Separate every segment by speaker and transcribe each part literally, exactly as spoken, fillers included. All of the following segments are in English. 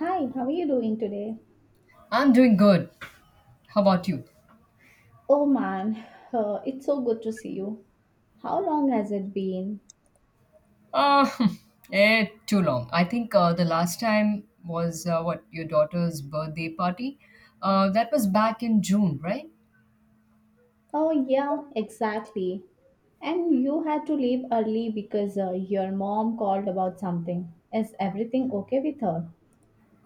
Speaker 1: Hi, how are you doing today?
Speaker 2: I'm doing good. How about you?
Speaker 1: Oh man, uh, it's so good to see you. How long has it been?
Speaker 2: Uh, eh, too long. I think uh, the last time was uh, what your daughter's birthday party. Uh, that was back in June, right?
Speaker 1: Oh, yeah, exactly. And you had to leave early because uh, your mom called about something. Is everything okay with her?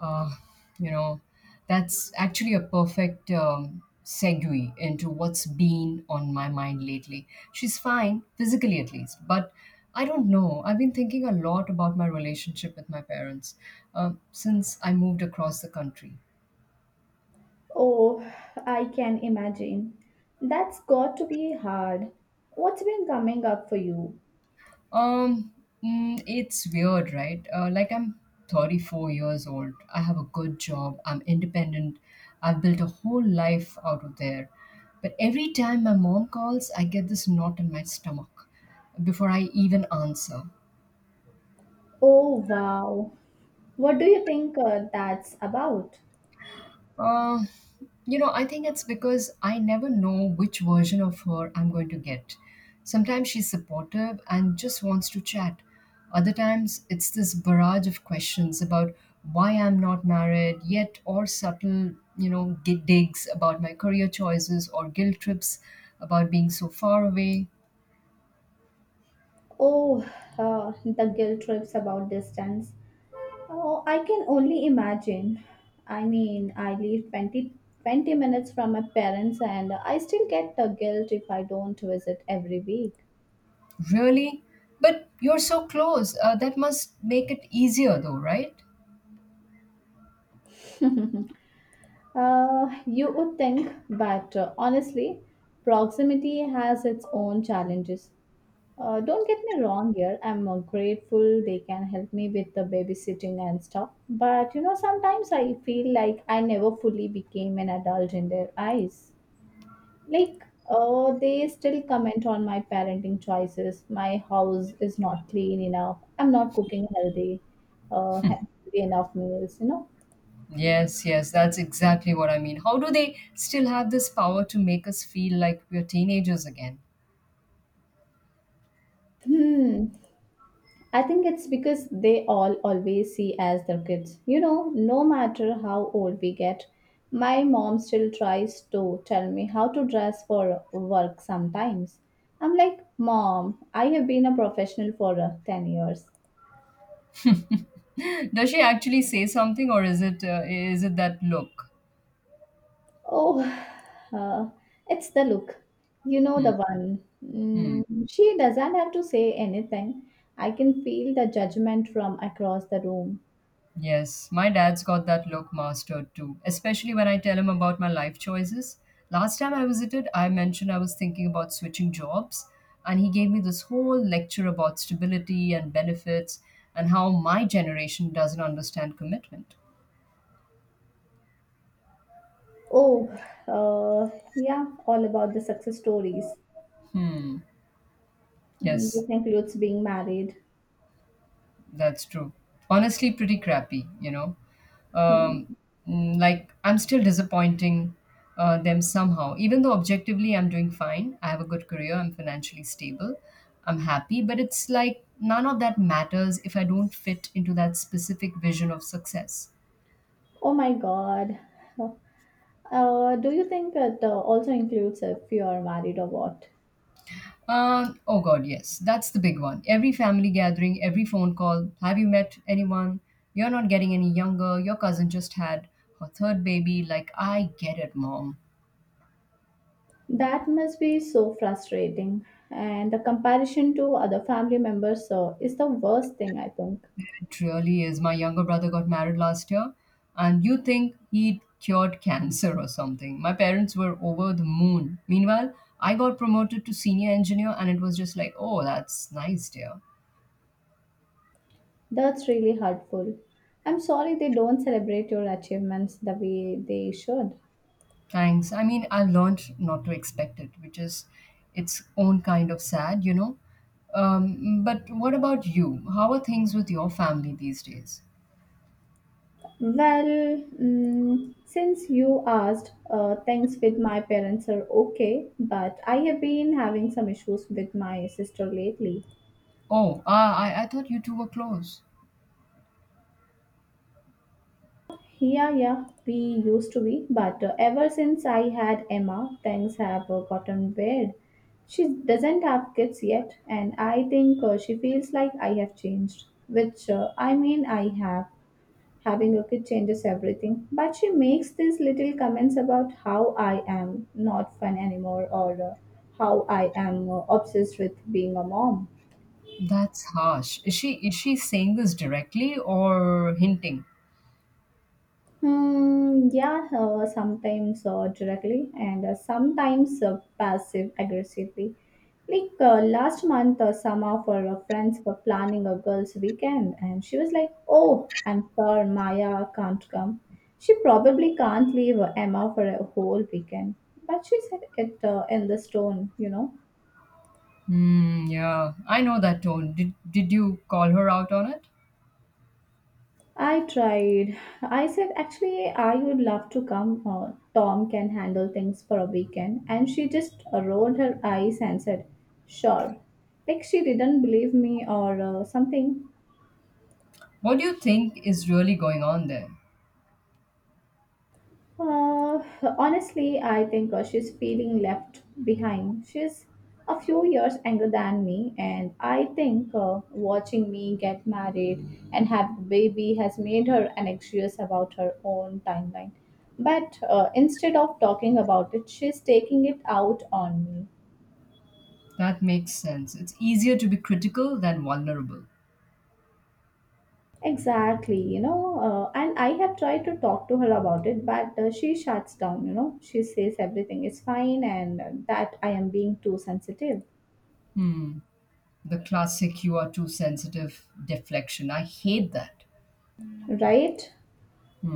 Speaker 2: Uh, you know, that's actually a perfect um, segue into what's been on my mind lately. She's fine, physically at least, but I don't know. I've been thinking a lot about my relationship with my parents um, since I moved across the country.
Speaker 1: Oh, I can imagine. That's got to be hard. What's been coming up for you?
Speaker 2: Um, mm, it's weird, right? Uh, like I'm thirty-four years old. I have a good job. I'm independent. I've built a whole life out of there. But every time my mom calls, I get this knot in my stomach before I even answer.
Speaker 1: Oh, wow. What do you think uh, that's about?
Speaker 2: Uh, you know, I think it's because I never know which version of her I'm going to get. Sometimes she's supportive and just wants to chat. Other times, it's this barrage of questions about why I'm not married yet, or subtle, you know, gi- digs about my career choices or guilt trips about being so far away.
Speaker 1: Oh, uh, the guilt trips about distance. Oh, I can only imagine. I mean, I live twenty twenty minutes from my parents, and I still get the guilt if I don't visit every week.
Speaker 2: Really? But you're so close. Uh, that must make it easier, though, right?
Speaker 1: Uh, you would think, but uh, honestly, proximity has its own challenges. Uh, don't get me wrong here. I'm uh, grateful they can help me with the babysitting and stuff. But you know, sometimes I feel like I never fully became an adult in their eyes. Like, uh, they still comment on my parenting choices. My house is not clean enough. I'm not cooking healthy, uh, healthy enough meals, you know.
Speaker 2: Yes, yes, that's exactly what I mean. How do they still have this power to make us feel like we're teenagers again?
Speaker 1: Hmm. I think it's because they all always see as their kids. You know, no matter how old we get, my mom still tries to tell me how to dress for work sometimes. I'm like, Mom, I have been a professional for uh, ten years.
Speaker 2: Does she actually say something, or is it uh, is it that look?
Speaker 1: Oh, uh, it's the look. You know
Speaker 2: Hmm.
Speaker 1: the one.
Speaker 2: Hmm.
Speaker 1: Mm, she doesn't have to say anything. I can feel the judgment from across the room.
Speaker 2: Yes, my dad's got that look mastered too, especially when I tell him about my life choices. Last time I visited, I mentioned I was thinking about switching jobs, and he gave me this whole lecture about stability and benefits and how my generation doesn't understand commitment.
Speaker 1: Oh, uh, yeah, all about the success stories. Mm,
Speaker 2: Yes.
Speaker 1: this includes being married.
Speaker 2: That's true. Honestly, pretty crappy, you know. Um,
Speaker 1: Mm.
Speaker 2: mm, like, I'm still disappointing uh, them somehow. Even though objectively I'm doing fine, I have a good career, I'm financially stable, I'm happy, but it's like none of that matters if I don't fit into that specific vision of success.
Speaker 1: Oh my God. Uh, do you think it uh, also includes if you are married or what?
Speaker 2: Um, oh God, yes, that's the big one. Every family gathering, every phone call. Have you met anyone? You're not getting any younger. Your cousin just had her third baby. Like, I get it, mom.
Speaker 1: That must be so frustrating. And the comparison to other family members uh, is the worst thing, I think.
Speaker 2: It really is. My younger brother got married last year, and you think he cured cancer or something. My parents were over the moon. Meanwhile, I got promoted to senior engineer, and it was just like, oh, that's nice, dear.
Speaker 1: That's really hurtful. I'm sorry they don't celebrate your achievements the way they should.
Speaker 2: Thanks. I mean, I learned not to expect it, which is its own kind of sad, you know. Um, but what about you? How are things with your family these days?
Speaker 1: Well, mm, since you asked, uh, things with my parents are okay, but I have been having some issues with my sister lately.
Speaker 2: Oh, ah, I, I thought you two were close.
Speaker 1: Yeah, yeah, we used to be, but uh, ever since I had Emma, things have uh, gotten weird. She doesn't have kids yet, and I think uh, she feels like I have changed, which uh, I mean, I have. Having a kid changes everything. But she makes these little comments about how I am not fun anymore or uh, how I am uh, obsessed with being a mom.
Speaker 2: That's harsh. Is she is she saying this directly or hinting?
Speaker 1: Hmm, yeah, uh, sometimes uh, directly and uh, sometimes uh, passive aggressively. Like uh, last month, uh, some of her uh, friends were planning a girls' weekend, and she was like, Oh, I'm sure Maya can't come. She probably can't leave Emma for a whole weekend. But she said it uh, in this tone, you know.
Speaker 2: Mm, yeah, I know that tone. Did, did you call her out on it?
Speaker 1: I tried. I said, actually, I would love to come. Uh, Tom can handle things for a weekend. And she just uh, rolled her eyes and said, sure. Like she didn't believe me or uh, something.
Speaker 2: What do you think is really going on there?
Speaker 1: Uh, Honestly, I think uh, she's feeling left behind. She's a few years younger than me, and I think uh, watching me get married and have a baby has made her anxious about her own timeline. But uh, instead of talking about it, she's taking it out on me.
Speaker 2: That makes sense. It's easier to be critical than vulnerable.
Speaker 1: Exactly, you know, uh, and I have tried to talk to her about it, but uh, she shuts down, you know, she says everything is fine and uh, that I am being too sensitive.
Speaker 2: Hmm. The classic you are too sensitive deflection. I hate that.
Speaker 1: Right?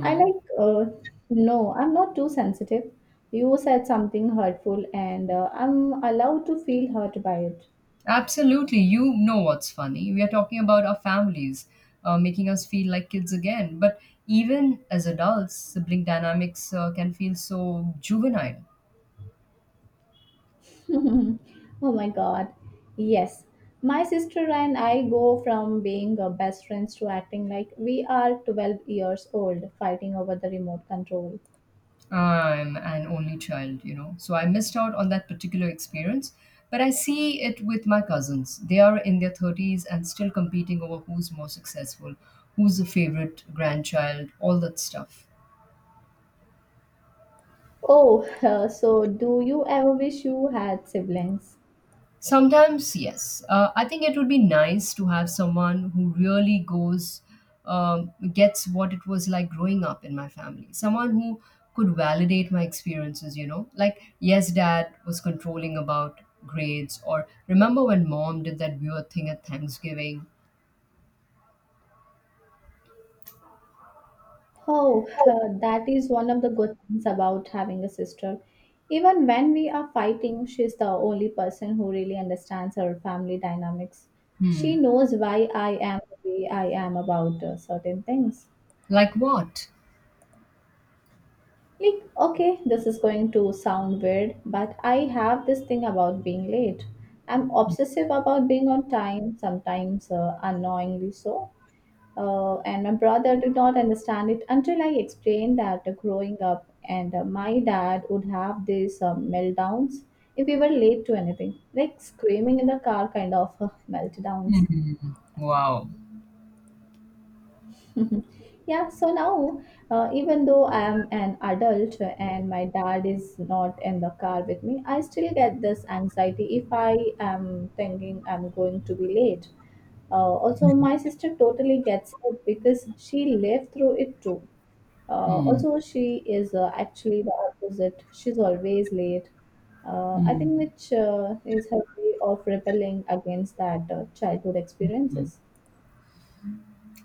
Speaker 1: I like, uh, no, I'm not too sensitive. You said something hurtful, and uh, I'm allowed to feel hurt by it.
Speaker 2: Absolutely. You know what's funny. We are talking about our families uh, making us feel like kids again. But even as adults, sibling dynamics uh, can feel so juvenile.
Speaker 1: Oh my god. Yes. My sister and I go from being uh, best friends to acting like we are twelve years old fighting over the remote control.
Speaker 2: I'm an only child, you know, so I missed out on that particular experience. But I see it with my cousins. They are in their thirties and still competing over who's more successful, who's the favorite grandchild, all that stuff.
Speaker 1: Oh, so do you ever wish you had siblings?
Speaker 2: Sometimes, yes. Uh, I think it would be nice to have someone who really goes, um, gets what it was like growing up in my family. Someone who could validate my experiences, you know? Like, yes, dad was controlling about grades, or remember when mom did that weird thing at Thanksgiving?
Speaker 1: Oh, that is one of the good things about having a sister. Even when we are fighting, she's the only person who really understands her family dynamics.
Speaker 2: Hmm.
Speaker 1: She knows why I am the way I am about uh, certain things.
Speaker 2: Like what?
Speaker 1: Like, okay, this is going to sound weird, but I have this thing about being late. I'm obsessive about being on time, sometimes uh, annoyingly so. Uh, and my brother did not understand it until I explained that uh, growing up, and uh, my dad would have these uh, meltdowns if we were late to anything, like screaming in the car kind of uh, meltdowns.
Speaker 2: Wow.
Speaker 1: Yeah, so now, uh, even though I am an adult and my dad is not in the car with me, I still get this anxiety if I am thinking I'm going to be late. Uh, Also, my sister totally gets it because she lived through it too. Uh, also, she is uh, actually the opposite. She's always late. Uh, I think
Speaker 2: Hmm.
Speaker 1: which uh, is her way of rebelling against that uh, childhood experiences.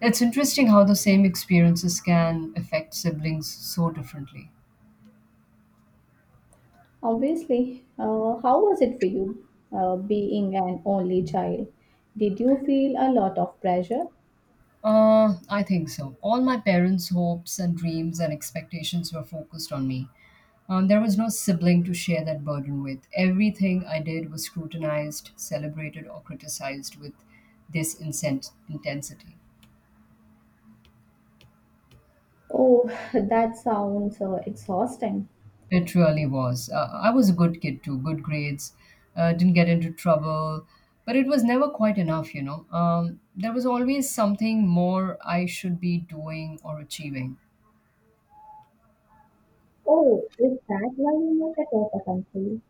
Speaker 2: It's interesting how the same experiences can affect siblings so differently.
Speaker 1: Obviously, uh, how was it for you uh, being an only child? Did you feel a lot of pressure?
Speaker 2: Uh, I think so. All my parents' hopes and dreams and expectations were focused on me. Um, there was no sibling to share that burden with. Everything I did was scrutinized, celebrated, or criticized with this incent- intensity.
Speaker 1: Oh, that sounds uh, exhausting.
Speaker 2: It really was. Uh, I was a good kid too, good grades, uh, didn't get into trouble, but it was never quite enough, you know. Um, there was always something more I should be doing or achieving.
Speaker 1: Oh, is that why you moved across the country?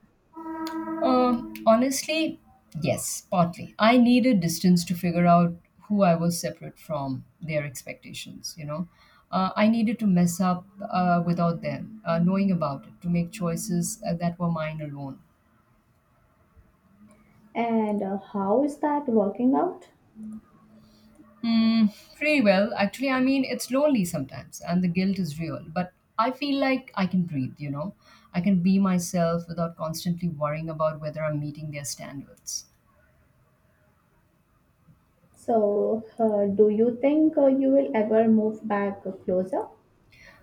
Speaker 2: Uh, honestly, yes, partly. I needed distance to figure out who I was separate from their expectations, you know. Uh, I needed to mess up uh, without them uh, knowing about it to make choices uh, that were mine alone.
Speaker 1: And uh, how is that working out?
Speaker 2: Mm, pretty well, actually. I mean, it's lonely sometimes, and the guilt is real, but I feel like I can breathe, you know. I can be myself without constantly worrying about whether I'm meeting their standards.
Speaker 1: So, uh, do you think uh, you will ever move back closer?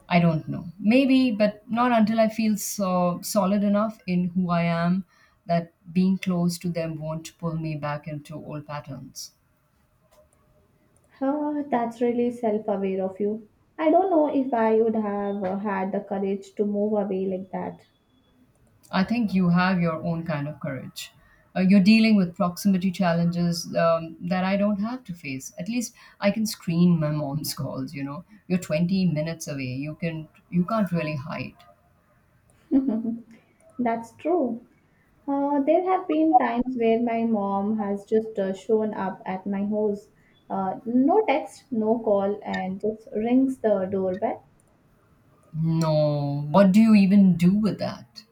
Speaker 2: I don't know. Maybe, but not until I feel so solid enough in who I am that being close to them won't pull me back into old patterns.
Speaker 1: Uh, that's really self-aware of you. I don't know if I would have uh, had the courage to move away like
Speaker 2: I think you have your own kind of courage. Uh, you're dealing with proximity challenges um, that I don't have to face. At least I can screen my mom's calls. You know, you're twenty minutes away. You can you can't really hide.
Speaker 1: that. That's true. Uh, there have been times where my mom has just uh, shown up at my house. Uh, no text, no call, and just rings the doorbell.
Speaker 2: No, what do you even do with that?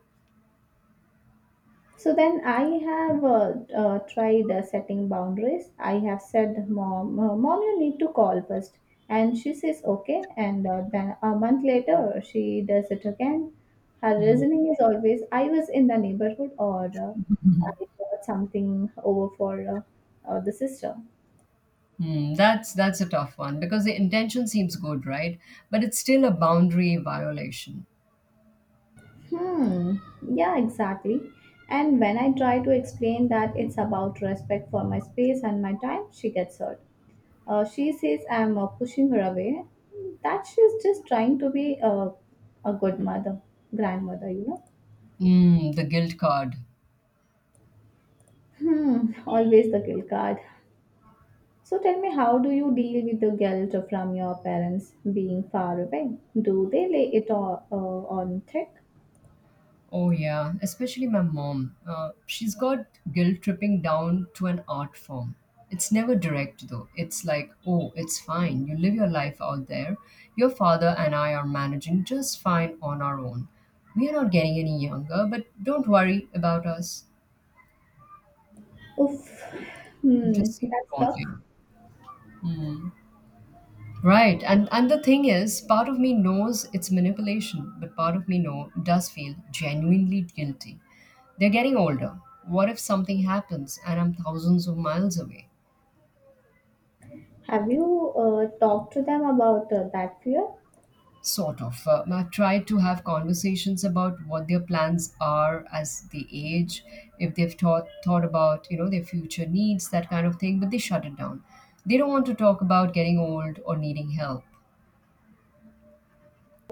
Speaker 1: So then I have uh, uh, tried uh, setting boundaries. I have said, Mom, uh, Mom, you need to call first. And she says, Okay. And uh, then a month later, she does it again. Her
Speaker 2: Hmm.
Speaker 1: reasoning is always, I was in the neighborhood or uh, I got something over for uh, uh, the sister.
Speaker 2: Hmm, that's that's a tough one because the intention seems good, right? But it's still a boundary violation.
Speaker 1: Hmm. Yeah, exactly. And when I try to explain that it's about respect for my space and my time, she gets hurt. Uh, she says I'm uh, pushing her away. That she's just trying to be a, a good mother, grandmother, you know.
Speaker 2: Mm, the guilt card.
Speaker 1: Hmm. Always the guilt card. So tell me, how do you deal with the guilt from your parents being far away? Do they lay it all, uh, on thick?
Speaker 2: Oh yeah, especially my mom. Uh, she's got guilt tripping down to an art form. It's never direct though. It's like, oh, it's fine. You live your life out there. Your father and I are managing just fine on our own. We are not getting any younger, but don't worry about us.
Speaker 1: Oof. Hmm.
Speaker 2: Just see that,
Speaker 1: That's
Speaker 2: won't
Speaker 1: rough.
Speaker 2: you? Right. And and the thing is, part of me knows it's manipulation, but part of me know does feel genuinely guilty. They're getting older. What if something happens and I'm thousands of miles away?
Speaker 1: Have you uh, talked to them about uh, that fear?
Speaker 2: Sort of. Uh, I've tried to have conversations about what their plans are as they age, if they've thought thought about you know their future needs, that kind of thing. But they shut it down. They don't want to talk about getting old or needing help.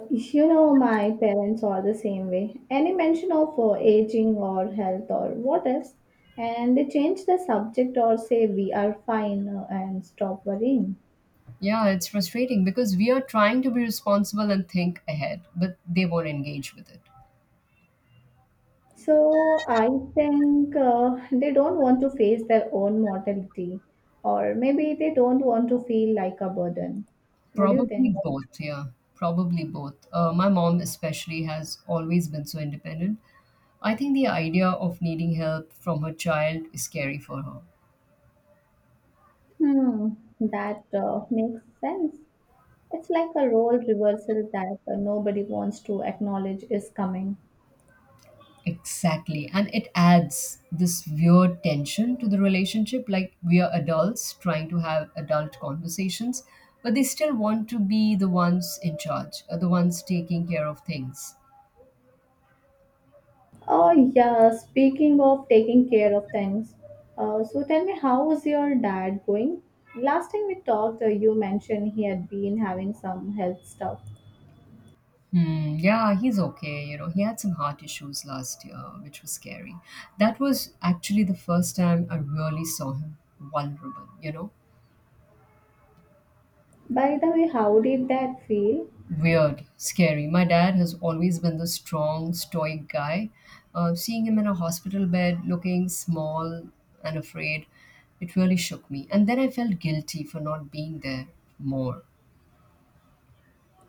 Speaker 1: You know, my parents are the same way. Any mention of uh, aging or health or what ifs, and they change the subject or say we are fine uh, and stop worrying.
Speaker 2: Yeah, it's frustrating because we are trying to be responsible and think ahead, but they won't engage with it.
Speaker 1: So I think uh, they don't want to face their own mortality, or maybe they don't want to feel like a burden. What do you
Speaker 2: Probably
Speaker 1: think?
Speaker 2: both, yeah. Probably both. Uh, my mom, especially, has always been so independent. I think the idea of needing help from her child is scary for her.
Speaker 1: Hmm, that uh, makes sense. It's like a role reversal that uh, nobody wants to acknowledge is coming.
Speaker 2: Exactly. And it adds this weird tension to the relationship. Like, we are adults trying to have adult conversations, but they still want to be the ones in charge, uh, the ones taking care of things.
Speaker 1: Oh, yeah, speaking of taking care of things, uh, so tell me, how is your dad going? Last time we talked, uh, you mentioned he had been having some health stuff.
Speaker 2: Hmm, yeah, he's okay. You know, he had some heart issues last year, which was scary. That was actually the first time I really saw him vulnerable, you know.
Speaker 1: By the way, how did that feel?
Speaker 2: Weird, scary. My dad has always been the strong, stoic guy. Uh, seeing him in a hospital bed, looking small and afraid, it really shook me. And then I felt guilty for not being there more.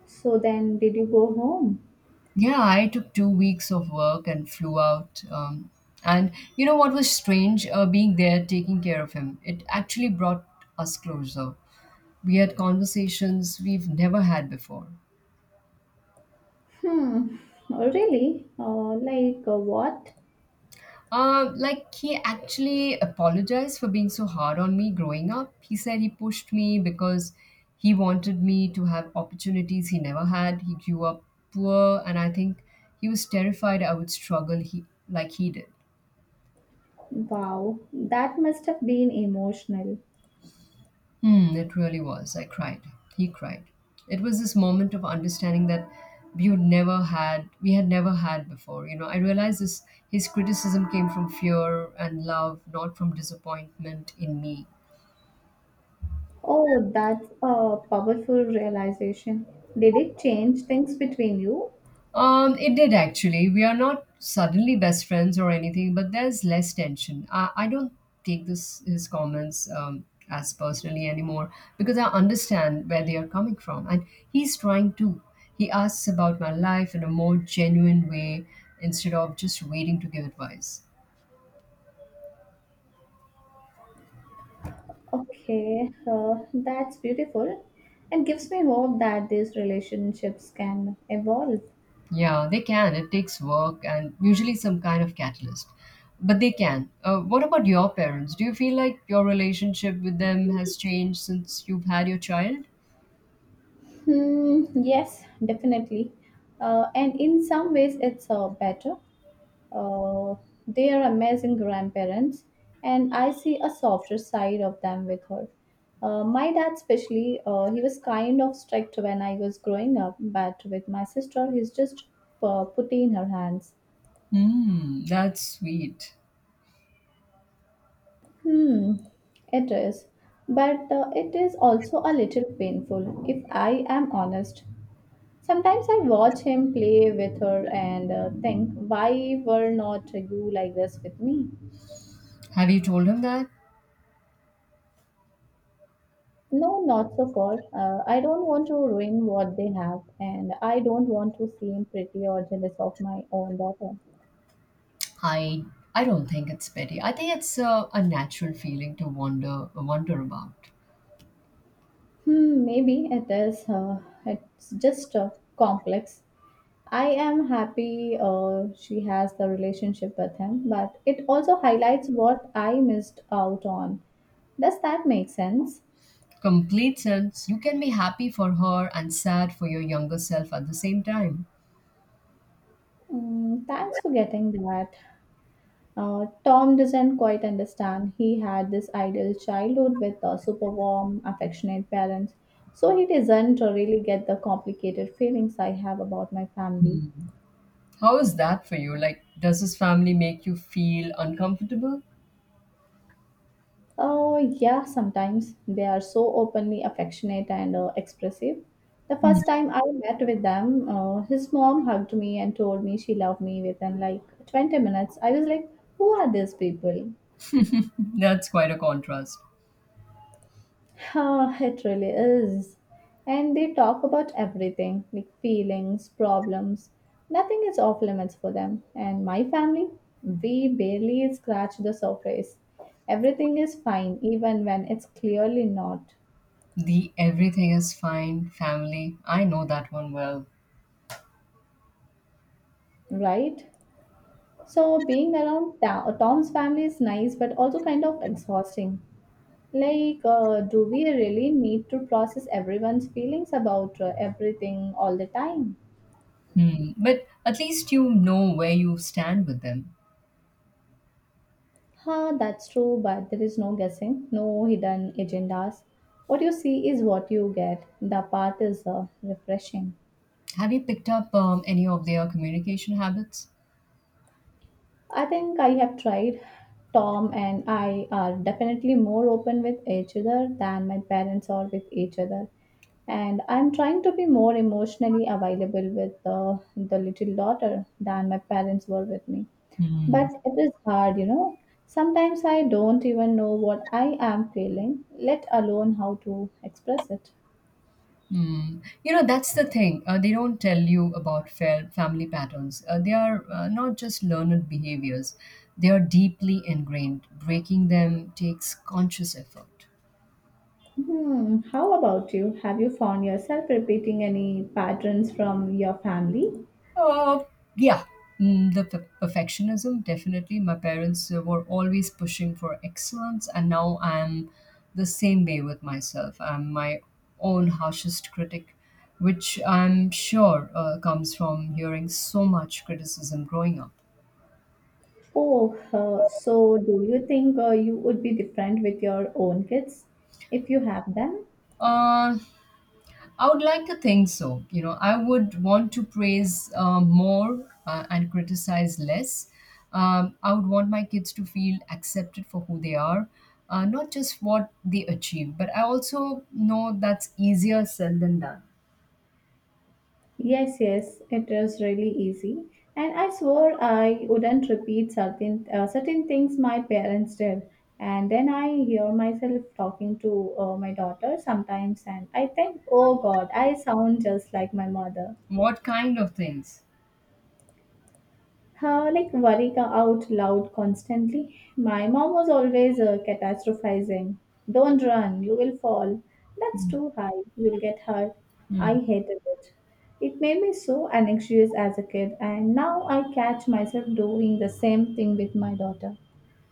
Speaker 1: So then, did you go home?
Speaker 2: Yeah, I took two weeks of work and flew out. Um, and you know what was strange? Uh, being there, taking care of him, it actually brought us closer. We had conversations we've never had before.
Speaker 1: Hmm, really? Uh, like uh, what?
Speaker 2: Uh, like, he actually apologized for being so hard on me growing up. He said he pushed me because he wanted me to have opportunities he never had. He grew up poor, and I think he was terrified I would struggle he, like he did.
Speaker 1: Wow, that must have been emotional.
Speaker 2: Hmm, it really was. I cried. He cried. It was this moment of understanding that we would never had we had never had before. You know, I realized this his criticism came from fear and love, not from disappointment in me.
Speaker 1: Oh, that's a powerful realization. Did it change things between you?
Speaker 2: Um, it did actually. We are not suddenly best friends or anything, but there's less tension. I, I don't take this his comments um, as personally anymore because I understand where they are coming from, and he's trying to. He asks about my life in a more genuine way instead of just waiting to give advice.
Speaker 1: Okay, uh, that's beautiful and gives me hope that these relationships can evolve.
Speaker 2: Yeah, they can. It takes work and usually some kind of catalyst, but they can. Uh, what about your parents? Do you feel like your relationship with them has changed since you've had your child?
Speaker 1: Hmm, yes, definitely. Uh, and in some ways, it's uh, better. Uh, they are amazing grandparents, and I see a softer side of them with her. Uh, my dad, especially, uh, he was kind of strict when I was growing up, but with my sister, he's just uh, putty in her hands.
Speaker 2: Mm, that's sweet.
Speaker 1: Hmm, it is. But uh, it is also a little painful, if I am honest. Sometimes I watch him play with her and uh, think, why were not you like this with me?
Speaker 2: Have you told him that?
Speaker 1: No, not so far. Uh, I don't want to ruin what they have, and I don't want to seem pretty or jealous of my own daughter.
Speaker 2: I I don't think it's petty. I think it's a, a natural feeling to wonder wonder about.
Speaker 1: Hmm, maybe it is. Uh, it's just uh, complex. I am happy uh, she has the relationship with him, but it also highlights what I missed out on. Does that make sense?
Speaker 2: Complete sense. You can be happy for her and sad for your younger self at the same time.
Speaker 1: Mm, thanks for getting that. Uh, Tom doesn't quite understand. He had this ideal childhood with uh, super warm, affectionate parents, so he doesn't really get the complicated feelings I have about my family.
Speaker 2: How is that for you? Like, does his family make you feel uncomfortable?
Speaker 1: Oh, yeah, sometimes they are so openly affectionate and uh, expressive. The first time I met with them, uh, his mom hugged me and told me she loved me within like twenty minutes. I was like, Who are these people?
Speaker 2: That's quite a contrast.
Speaker 1: Ah, it really is. And they talk about everything like feelings, problems. Nothing is off limits for them. And my family, we barely scratch the surface. Everything is fine, even when it's clearly not,
Speaker 2: The everything is fine family. I know that one well.
Speaker 1: right? So, being around Ta- Tom's family is nice, but also kind of exhausting. Like, uh, do we really need to process everyone's feelings about uh, everything all the time?
Speaker 2: Hmm. But at least you know where you stand with them.
Speaker 1: Huh, that's true, but there is no guessing, no hidden agendas. What you see is what you get. The path is uh, refreshing.
Speaker 2: Have you picked up um, any of their communication habits?
Speaker 1: I think I have tried. Tom and I are definitely more open with each other than my parents are with each other. And I'm trying to be more emotionally available with uh, the little daughter than my parents were with me.
Speaker 2: Hmm.
Speaker 1: But it is hard, you know. Sometimes I don't even know what I am feeling, let alone how to express it.
Speaker 2: Hmm. You know, that's the thing. Uh, they don't tell you about fa- family patterns. Uh, they are uh, not just learned behaviors, they are deeply ingrained. Breaking them takes conscious effort.
Speaker 1: Hmm, how about you? Have you found yourself repeating any patterns from your family?
Speaker 2: Uh, yeah, Mm, the per- perfectionism definitely. My parents uh, were always pushing for excellence, and now I'm the same way with myself. I'm my own harshest critic, which I'm sure uh, comes from hearing so much criticism growing up.
Speaker 1: Oh, uh, so do you think uh, you would be different with your own kids if you have them?
Speaker 2: Uh, I would like to think so. You know, I would want to praise uh, more uh, and criticize less. Um, I would want my kids to feel accepted for who they are, uh, not just what they achieve, but I also know that's easier said than done.
Speaker 1: Yes, yes, it was really easy. And I swore I wouldn't repeat certain uh, certain things my parents did. And then I hear myself talking to uh, my daughter sometimes, and I think, oh God, I sound just like my mother.
Speaker 2: What kind of things?
Speaker 1: How like worry co- out loud constantly. My mom was always uh, catastrophizing. Don't run, you will fall. That's too high, you'll get hurt.
Speaker 2: Mm.
Speaker 1: I hated it. It made me so anxious as a kid, and now I catch myself doing the same thing with my daughter.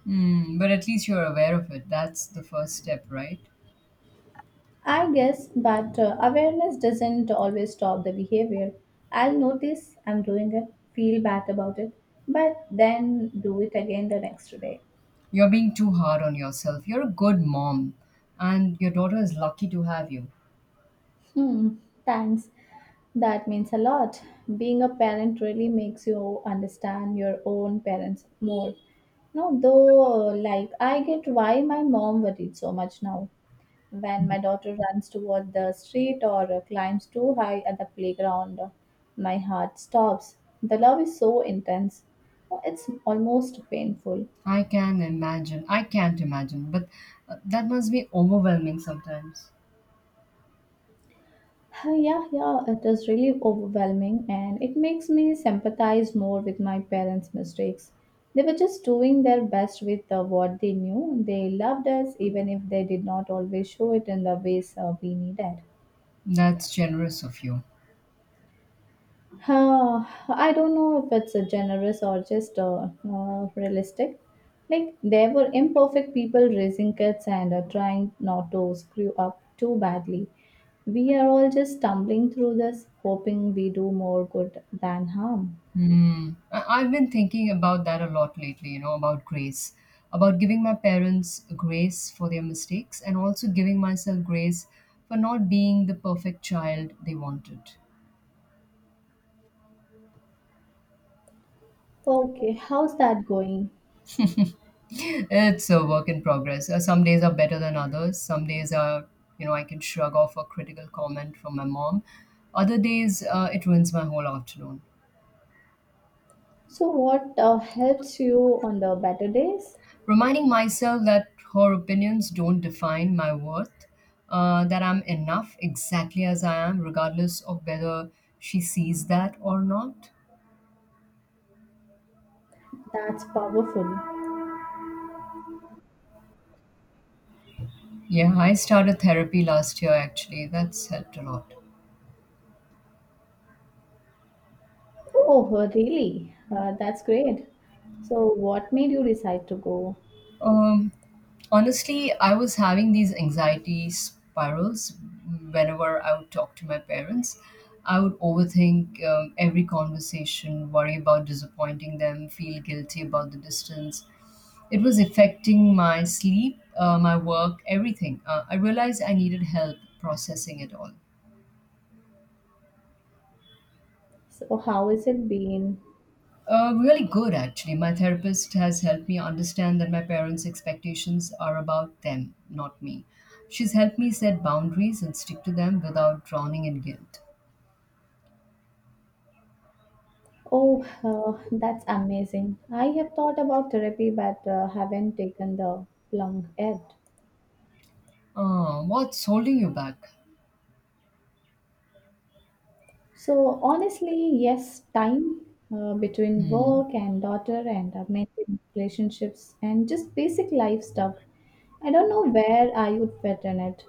Speaker 2: Mm, but at least you're aware of it. That's the first step, right?
Speaker 1: I guess, but uh, awareness doesn't always stop the behavior. I'll notice I'm doing it, feel bad about it, but then do it again the next day.
Speaker 2: You're being too hard on yourself. You're a good mom, and your daughter is lucky to have you.
Speaker 1: Hmm, thanks. That means a lot. Being a parent really makes you understand your own parents more. No, though, like, I get why my mom worried so much now. When my daughter runs toward the street or uh, climbs too high at the playground, my heart stops. The love is so intense. It's almost painful.
Speaker 2: I can imagine. I can't imagine, but uh, that must be overwhelming sometimes.
Speaker 1: Uh, Yeah, yeah, it is really overwhelming, and it makes me sympathize more with my parents' mistakes. They were just doing their best with uh, what they knew. They loved us even if they did not always show it in the ways uh, we needed.
Speaker 2: That's generous of you.
Speaker 1: Huh, I don't know if it's a generous or just uh, uh, realistic. Like there were imperfect people raising kids and uh, trying not to screw up too badly. We are all just stumbling through this, hoping we do more good than harm.
Speaker 2: Hmm. I- I've been thinking about that a lot lately, you know, about grace, about giving my parents grace for their mistakes and also giving myself grace for not being the perfect child they wanted.
Speaker 1: Okay, how's that going?
Speaker 2: It's a work in progress. Uh, Some days are better than others. Some days are, you know, I can shrug off a critical comment from my mom. Other days, uh, it ruins my whole afternoon.
Speaker 1: So, what uh, helps you on the better days?
Speaker 2: Reminding myself that her opinions don't define my worth, uh, that I'm enough exactly as I am, regardless of whether she sees that or not.
Speaker 1: That's powerful.
Speaker 2: Yeah, I started therapy last year actually. That's helped a lot.
Speaker 1: Oh, really? Uh, that's great. So, what made you decide to go?
Speaker 2: Um, Honestly, I was having these anxiety spirals whenever I would talk to my parents. I would overthink um, every conversation, worry about disappointing them, feel guilty about the distance. It was affecting my sleep, uh, my work, everything. Uh, I realized I needed help processing it all.
Speaker 1: So, how has it been?
Speaker 2: Uh, really good, actually. My therapist has helped me understand that my parents' expectations are about them, not me. She's helped me set boundaries and stick to them without drowning in guilt.
Speaker 1: Oh, uh, that's amazing. I have thought about therapy but uh, haven't taken the plunge yet.
Speaker 2: Uh, what's holding you back?
Speaker 1: So, honestly, yes, time uh, between
Speaker 2: Hmm.
Speaker 1: work and daughter and uh, maintaining relationships and just basic life stuff. I don't know where I would fit in it.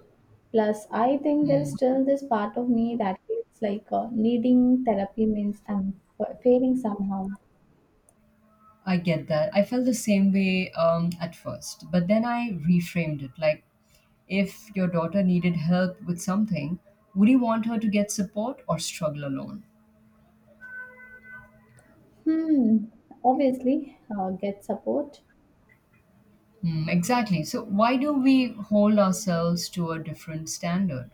Speaker 1: Plus, I think there's still this part of me that feels like uh, needing therapy means I'm f- failing somehow.
Speaker 2: I get that. I felt the same way um, at first, but then I reframed it. Like, if your daughter needed help with something, would you want her to get support or struggle alone?
Speaker 1: Hmm, obviously, uh, get support.
Speaker 2: Hmm, exactly. So, why do we hold ourselves to a different standard?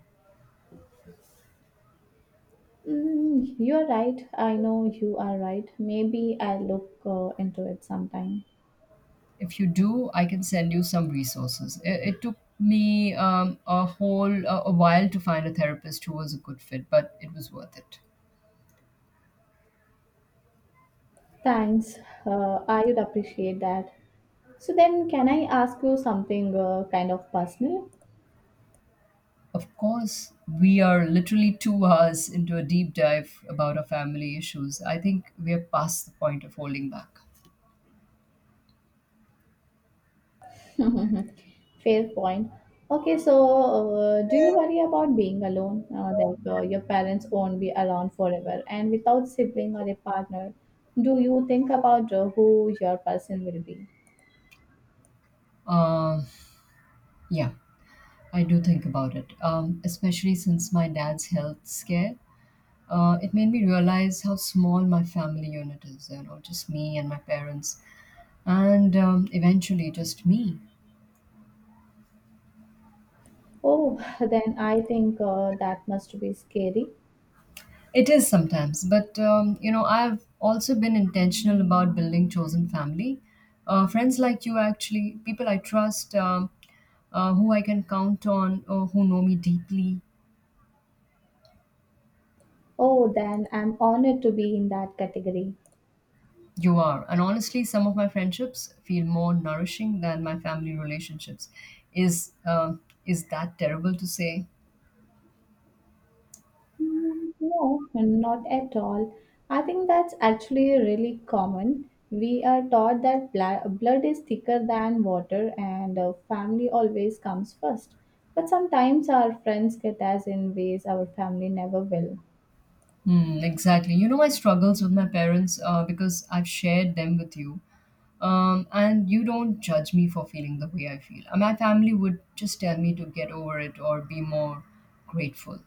Speaker 1: Mm, you're right. I know you are right. Maybe I'll look uh, into it sometime.
Speaker 2: If you do, I can send you some resources. It, it took me um, a whole a, a while to find a therapist who was a good fit, but it was worth it.
Speaker 1: Thanks. Uh, I would appreciate that. So then, can I ask you something uh, kind of personal?
Speaker 2: Of course, we are literally two hours into a deep dive about our family issues. I think we are past the point of holding back.
Speaker 1: Fair point. Okay, so uh, do you worry about being alone? Uh, like uh, your parents won't be around forever, and without sibling or a partner, do you think about uh, who your person will be?
Speaker 2: Um, yeah, I do think about it, um, especially since my dad's health scare. Uh, it made me realize how small my family unit is, you know, just me and my parents, and um, eventually just me.
Speaker 1: Oh, then I think uh, that must be scary.
Speaker 2: It is sometimes, but um, you know, I've also been intentional about building chosen family. Uh, friends like you, actually, people I trust. Um, uh, who I can count on, or who know me deeply.
Speaker 1: Oh, then I'm honored to be in that category.
Speaker 2: You are. And honestly, some of my friendships feel more nourishing than my family relationships. Is uh, is that terrible to say?
Speaker 1: Mm, no, not at all. I think that's actually really common. We are taught that bla- blood is thicker than water and uh, family always comes first. But sometimes our friends get us in ways our family never will.
Speaker 2: Hmm, exactly. You know my struggles with my parents uh, because I've shared them with you. Um, and you don't judge me for feeling the way I feel. And my family would just tell me to get over it or be more grateful.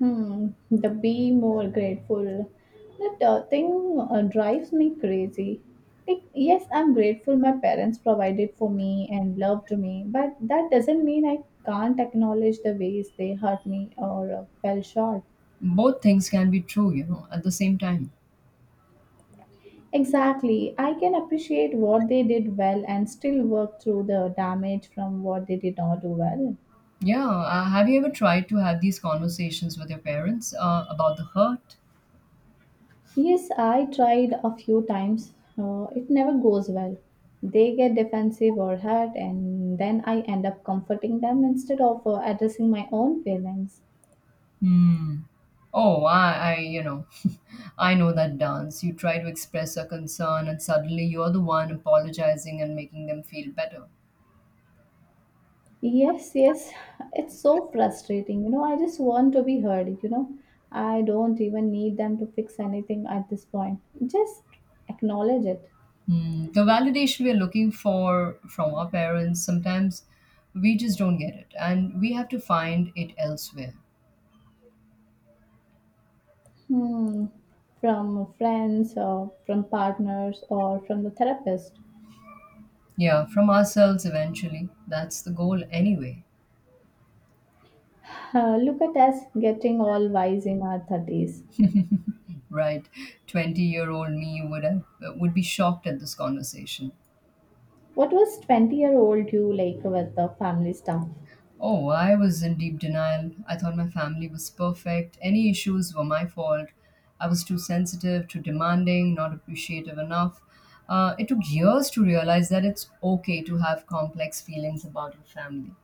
Speaker 1: Hmm, the be more grateful. That uh, thing uh, drives me crazy. Like, yes, I'm grateful my parents provided for me and loved me, but that doesn't mean I can't acknowledge the ways they hurt me or uh, fell short.
Speaker 2: Both things can be true, you know, at the same time.
Speaker 1: Exactly. I can appreciate what they did well and still work through the damage from what they did not do well.
Speaker 2: Yeah, uh, have you ever tried to have these conversations with your parents uh, about the hurt?
Speaker 1: Yes, I tried a few times. Uh, it never goes well. They get defensive or hurt, and then I end up comforting them instead of uh, addressing my own feelings.
Speaker 2: Hmm. Oh, I, I, you know, I know that dance. You try to express a concern, and suddenly you're the one apologizing and making them feel better.
Speaker 1: Yes, yes, it's so frustrating. You know, I just want to be heard. You know, I don't even need them to fix anything at this point. Just acknowledge it.
Speaker 2: Hmm. The validation we're looking for from our parents, sometimes we just don't get it, and we have to find it elsewhere.
Speaker 1: Hmm, from friends or from partners or from the therapist.
Speaker 2: Yeah, from ourselves eventually. That's the goal, anyway.
Speaker 1: Uh, look at us getting all wise in our thirties.
Speaker 2: Right. twenty-year-old me would have would be shocked at this conversation.
Speaker 1: What was twenty year old you like with the family stuff?
Speaker 2: Oh, I was in deep denial. I thought my family was perfect. Any issues were my fault. I was too sensitive, too demanding, not appreciative enough. Uh, it took years to realize that it's okay to have complex feelings about your family.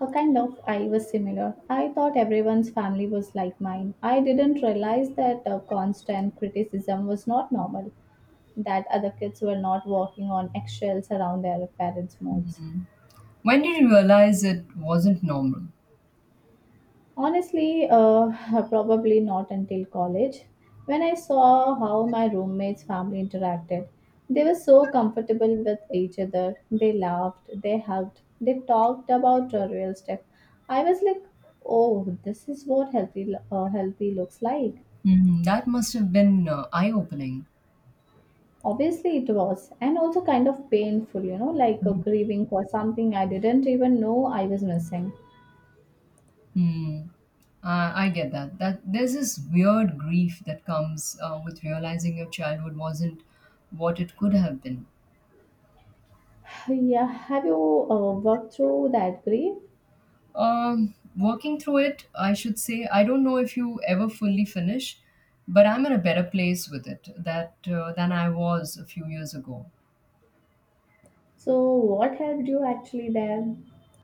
Speaker 1: A kind of, I was similar. I thought everyone's family was like mine. I didn't realize that uh, constant criticism was not normal, that other kids were not walking on eggshells around their parents' moods.
Speaker 2: When did you realize it wasn't normal?
Speaker 1: Honestly, uh, probably not until college. When I saw how my roommates' family interacted, they were so comfortable with each other. They laughed, they hugged, they talked about uh, real stuff. I was like, oh, this is what healthy, lo- uh, healthy looks like.
Speaker 2: Hmm, that must have been uh, eye opening.
Speaker 1: Obviously, it was, and also kind of painful, you know, like uh, grieving for something I didn't even know I was missing.
Speaker 2: Hmm. Uh, I get that. That there's this weird grief that comes uh, with realizing your childhood wasn't what it could have been.
Speaker 1: Yeah, have you uh, worked through that grief?
Speaker 2: Um, working through it, I should say, I don't know if you ever fully finish, but I'm in a better place with it that uh, than I was a few years ago.
Speaker 1: So, what helped you actually there?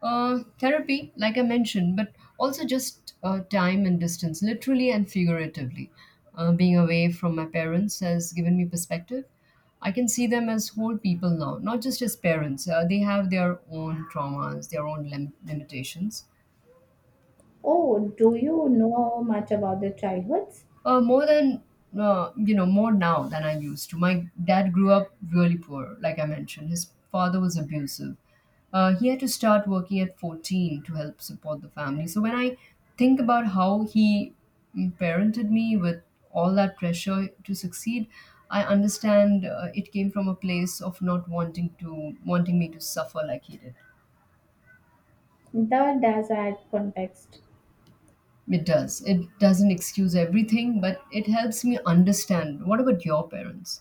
Speaker 2: Uh, therapy, like I mentioned, but also just uh, time and distance, literally and figuratively. Uh, being away from my parents has given me perspective. I can see them as whole people now, not just as parents. Uh, they have their own traumas, their own lim- limitations.
Speaker 1: Oh, do you know much about the childhoods?
Speaker 2: Uh, more than uh, You know, more now than I used to. My dad grew up really poor, like I mentioned. His father was abusive. Uh, he had to start working at fourteen to help support the family. So when I think about how he mm, parented me with all that pressure to succeed, I understand uh, it came from a place of not wanting to wanting me to suffer like he did.
Speaker 1: The desert context.
Speaker 2: It does. It doesn't excuse everything, but it helps me understand. What about your parents?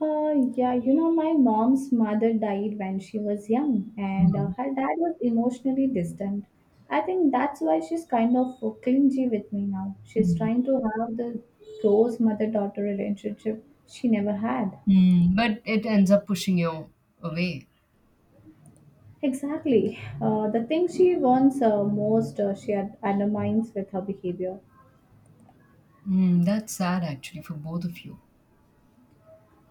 Speaker 1: Uh, yeah, you know, my mom's mother died when she was young, and uh,
Speaker 2: Mhm.
Speaker 1: her dad was emotionally distant. I think that's why she's kind of clingy with me now. She's trying to have the close mother daughter relationship she never had.
Speaker 2: Mm, but it ends up pushing you away.
Speaker 1: Exactly. Uh, the thing she wants uh, most, uh, she ad- undermines with her behavior.
Speaker 2: Mm, that's sad actually for both of you.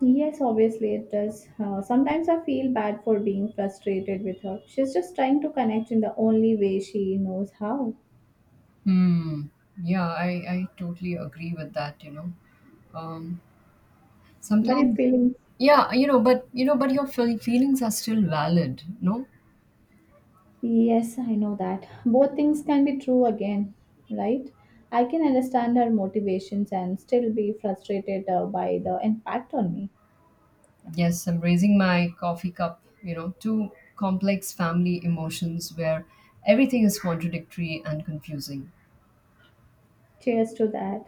Speaker 1: Yes, obviously it does. Uh, sometimes I feel bad for being frustrated with her. She's just trying to connect in the only way she knows how.
Speaker 2: Mm, yeah, I, I totally agree with that, you know. Um,
Speaker 1: But if
Speaker 2: sometimes,
Speaker 1: feelings,
Speaker 2: yeah, you know, but you know, but your feel feelings are still valid, no?
Speaker 1: yes, I know that. Both things can be true again, right? I can understand her motivations and still be frustrated uh, by the impact on me.
Speaker 2: Yes, I'm raising my coffee cup, you know, to complex family emotions where everything is contradictory and confusing.
Speaker 1: Cheers to that.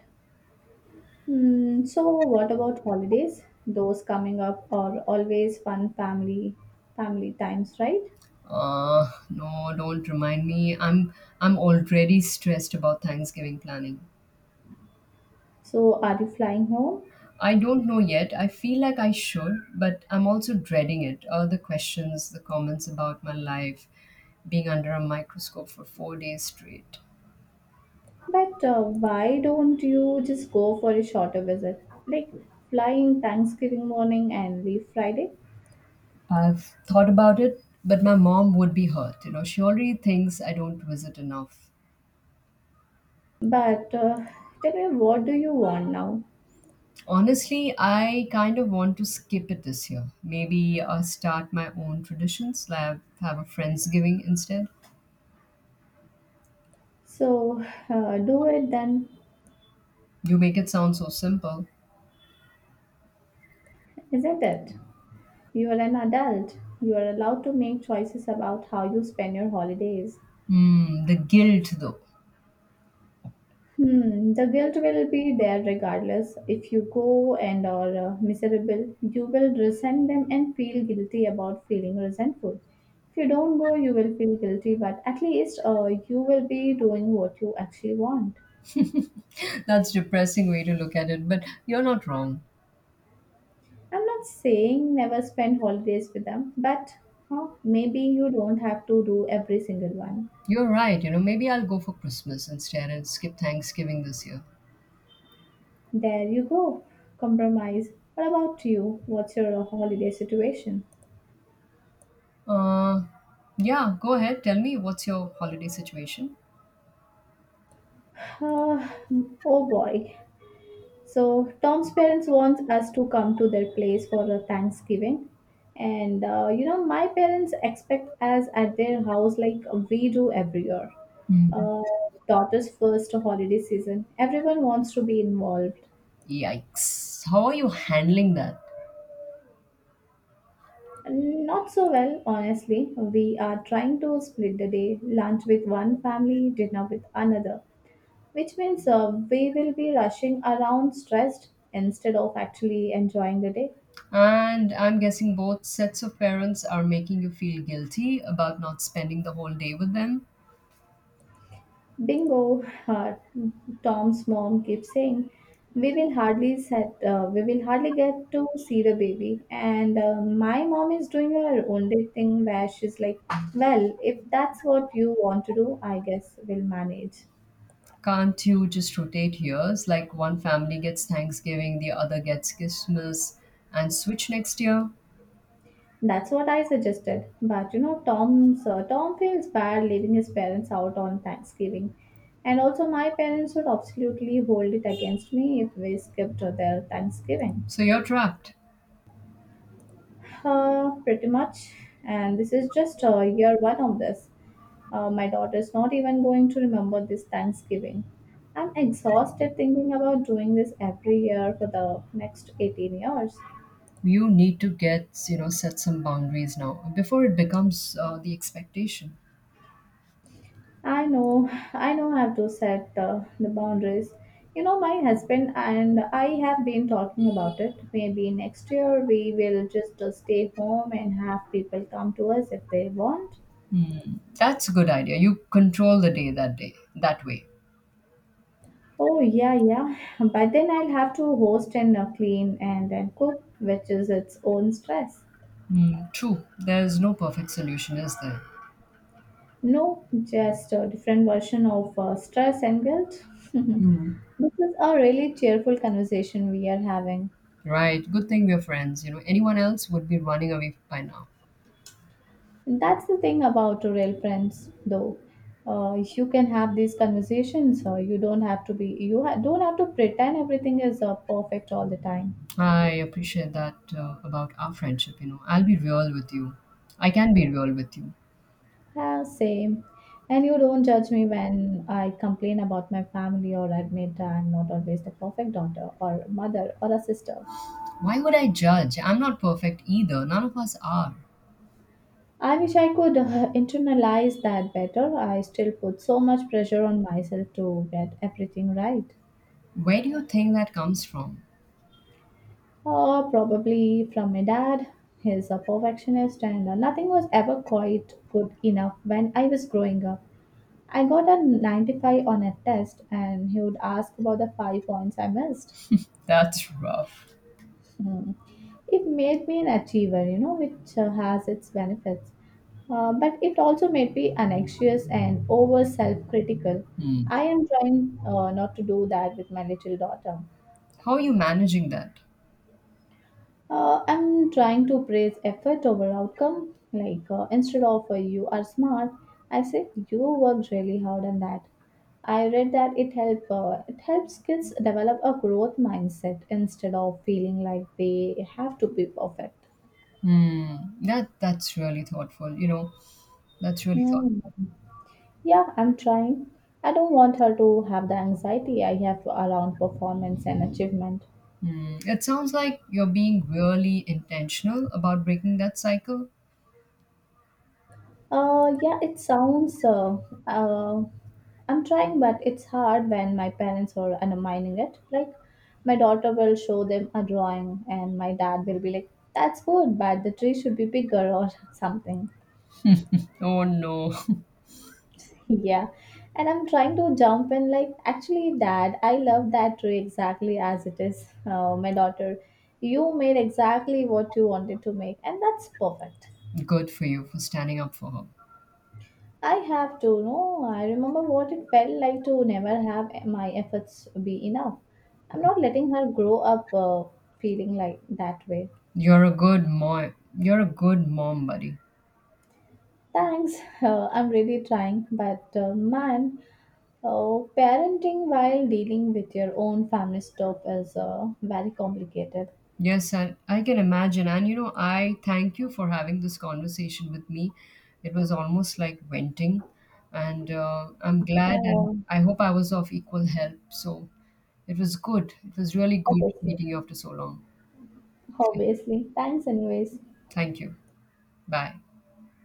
Speaker 1: Hmm. So, what about holidays? Those coming up are always fun family family times, right?
Speaker 2: Uh, no, don't remind me. I'm I'm already stressed about Thanksgiving planning.
Speaker 1: So, are you flying home?
Speaker 2: I don't know yet. I feel like I should, but I'm also dreading it. All the questions, the comments about my life, being under a microscope for four days straight.
Speaker 1: But uh, why don't you just go for a shorter visit? Like flying Thanksgiving morning and leave Friday?
Speaker 2: I've thought about it, but my mom would be hurt. You know, she already thinks I don't visit enough.
Speaker 1: But uh, tell me, what do you want now?
Speaker 2: Honestly, I kind of want to skip it this year. Maybe uh, start my own traditions, like have a Friendsgiving instead.
Speaker 1: So uh, do it then,
Speaker 2: You make it sound so simple.
Speaker 1: isn't it? You are an adult. You are allowed to make choices about how you spend your holidays.
Speaker 2: Mm, the guilt, though.
Speaker 1: Hmm, the guilt will be there regardless. If you go and are uh, miserable, you will resent them and feel guilty about feeling resentful. If you don't go, you will feel guilty, but at least uh, you will be doing what you actually want.
Speaker 2: That's depressing way to look at it, but you're not wrong.
Speaker 1: I'm not saying never spend holidays with them, but huh, maybe you don't have to do every single one.
Speaker 2: You're right. You know, maybe I'll go for Christmas instead and skip Thanksgiving this year.
Speaker 1: There you go. Compromise. What about you? What's your holiday situation?
Speaker 2: Uh, yeah, go ahead. Tell me what's your holiday situation?
Speaker 1: Uh, oh boy. So Tom's parents want us to come to their place for a Thanksgiving, and uh, you know my parents expect us at their house like we do every year.
Speaker 2: Mm.
Speaker 1: Uh, Daughter's first holiday season. Everyone wants to be involved.
Speaker 2: Yikes. How are you handling that?
Speaker 1: Not so well, honestly. We are trying to split the day, lunch with one family, dinner with another, which means uh, we will be rushing around stressed instead of actually enjoying the day.
Speaker 2: And I'm guessing both sets of parents are making you feel guilty about not spending the whole day with them.
Speaker 1: Bingo, uh, Tom's mom keeps saying, "We will hardly set, uh, we will hardly get to see the baby." And uh, my mom is doing her own day thing where she's like, "Well, if that's what you want to do, I guess we'll manage."
Speaker 2: Can't you just rotate years? Like one family gets Thanksgiving, the other gets Christmas, and switch next year?
Speaker 1: That's what I suggested. But you know, Tom's uh, Tom feels bad leaving his parents out on Thanksgiving, and also my parents would absolutely hold it against me if we skipped their Thanksgiving.
Speaker 2: So you're trapped.
Speaker 1: Uh, pretty much. And this is just uh, year one of this. Uh, my daughter's not even going to remember this Thanksgiving. I'm exhausted thinking about doing this every year for the next eighteen years.
Speaker 2: You need to, get you know, set some boundaries now before it becomes uh, the expectation.
Speaker 1: I know, I know I have to set uh, the boundaries. You know, my husband and I have been talking about it. Maybe next year we will just uh, stay home and have people come to us if they want.
Speaker 2: Hmm, that's a good idea. You control the day that day that way.
Speaker 1: Oh, yeah, yeah. But then I'll have to host and uh, clean and then cook, which is its own stress.
Speaker 2: Hmm, true, there's no perfect solution, is there?
Speaker 1: No, just a different version of uh, stress and guilt.
Speaker 2: Hmm,
Speaker 1: This is a really cheerful conversation we are having.
Speaker 2: right, good thing we're friends. You know, anyone else would be running away by now.
Speaker 1: That's the thing about real friends, though. Uh, you can have these conversations. Uh, you don't have to be. You ha- don't have to pretend everything is uh, perfect all the time.
Speaker 2: I appreciate that uh, about our friendship. You know, i'll be real with you i can be real with you.
Speaker 1: Yeah, same. And you don't judge me when I complain about my family or admit I'm not always the perfect daughter or mother or a sister.
Speaker 2: Why would I judge? I'm not perfect either. None of us are.
Speaker 1: I wish I could uh, internalize that better. I still put so much pressure on myself to get everything right.
Speaker 2: Where do you think that comes from?
Speaker 1: Oh, probably from my dad. He's a perfectionist, and uh, nothing was ever quite good enough when I was growing up. I got a ninety-five on a test, and he would ask about the five points I missed.
Speaker 2: That's rough.
Speaker 1: Mm. It made me an achiever, you know, which uh, has its benefits. Uh, but it also made me anxious and over self critical.
Speaker 2: Mm.
Speaker 1: I am trying uh, not to do that with my little daughter.
Speaker 2: How are you managing that?
Speaker 1: Uh, I'm trying to praise effort over outcome. Like, uh, instead of uh, you are smart, I say you worked really hard on that. I read that it help uh, it helps kids develop a growth mindset instead of feeling like they have to be perfect.
Speaker 2: Mm. That that's really thoughtful. You know, that's really
Speaker 1: Hmm.
Speaker 2: thoughtful.
Speaker 1: Yeah, I'm trying. I don't want her to have the anxiety I have around performance and achievement.
Speaker 2: Mm. It sounds like you're being really intentional about breaking that cycle.
Speaker 1: Uh, yeah, it sounds. Uh, uh, I'm trying, but it's hard when my parents are undermining it. Like, my daughter will show them a drawing, and my dad will be like, "That's good, but the tree should be bigger or something."
Speaker 2: Oh no!
Speaker 1: Yeah. And I'm trying to jump in, like, actually, Dad, I love that tree exactly as it is. Uh, my daughter, you made exactly what you wanted to make, and that's perfect.
Speaker 2: Good for you for standing up for her.
Speaker 1: I have to know, I remember what it felt like to never have my efforts be enough. I'm not letting her grow up uh, feeling like that way.
Speaker 2: You're a good mom. You're a good mom, buddy.
Speaker 1: Thanks. Uh, I'm really trying, but uh, man, uh, parenting while dealing with your own family stuff is uh, very complicated.
Speaker 2: Yes, and I can imagine. And you know, I thank you for having this conversation with me. It was almost like venting, and uh, I'm glad, and
Speaker 1: Uh,
Speaker 2: I hope I was of equal help. So it was good. It was really good
Speaker 1: Obviously,
Speaker 2: meeting you after so long.
Speaker 1: obviously. Thanks, anyways.
Speaker 2: Thank you. Bye.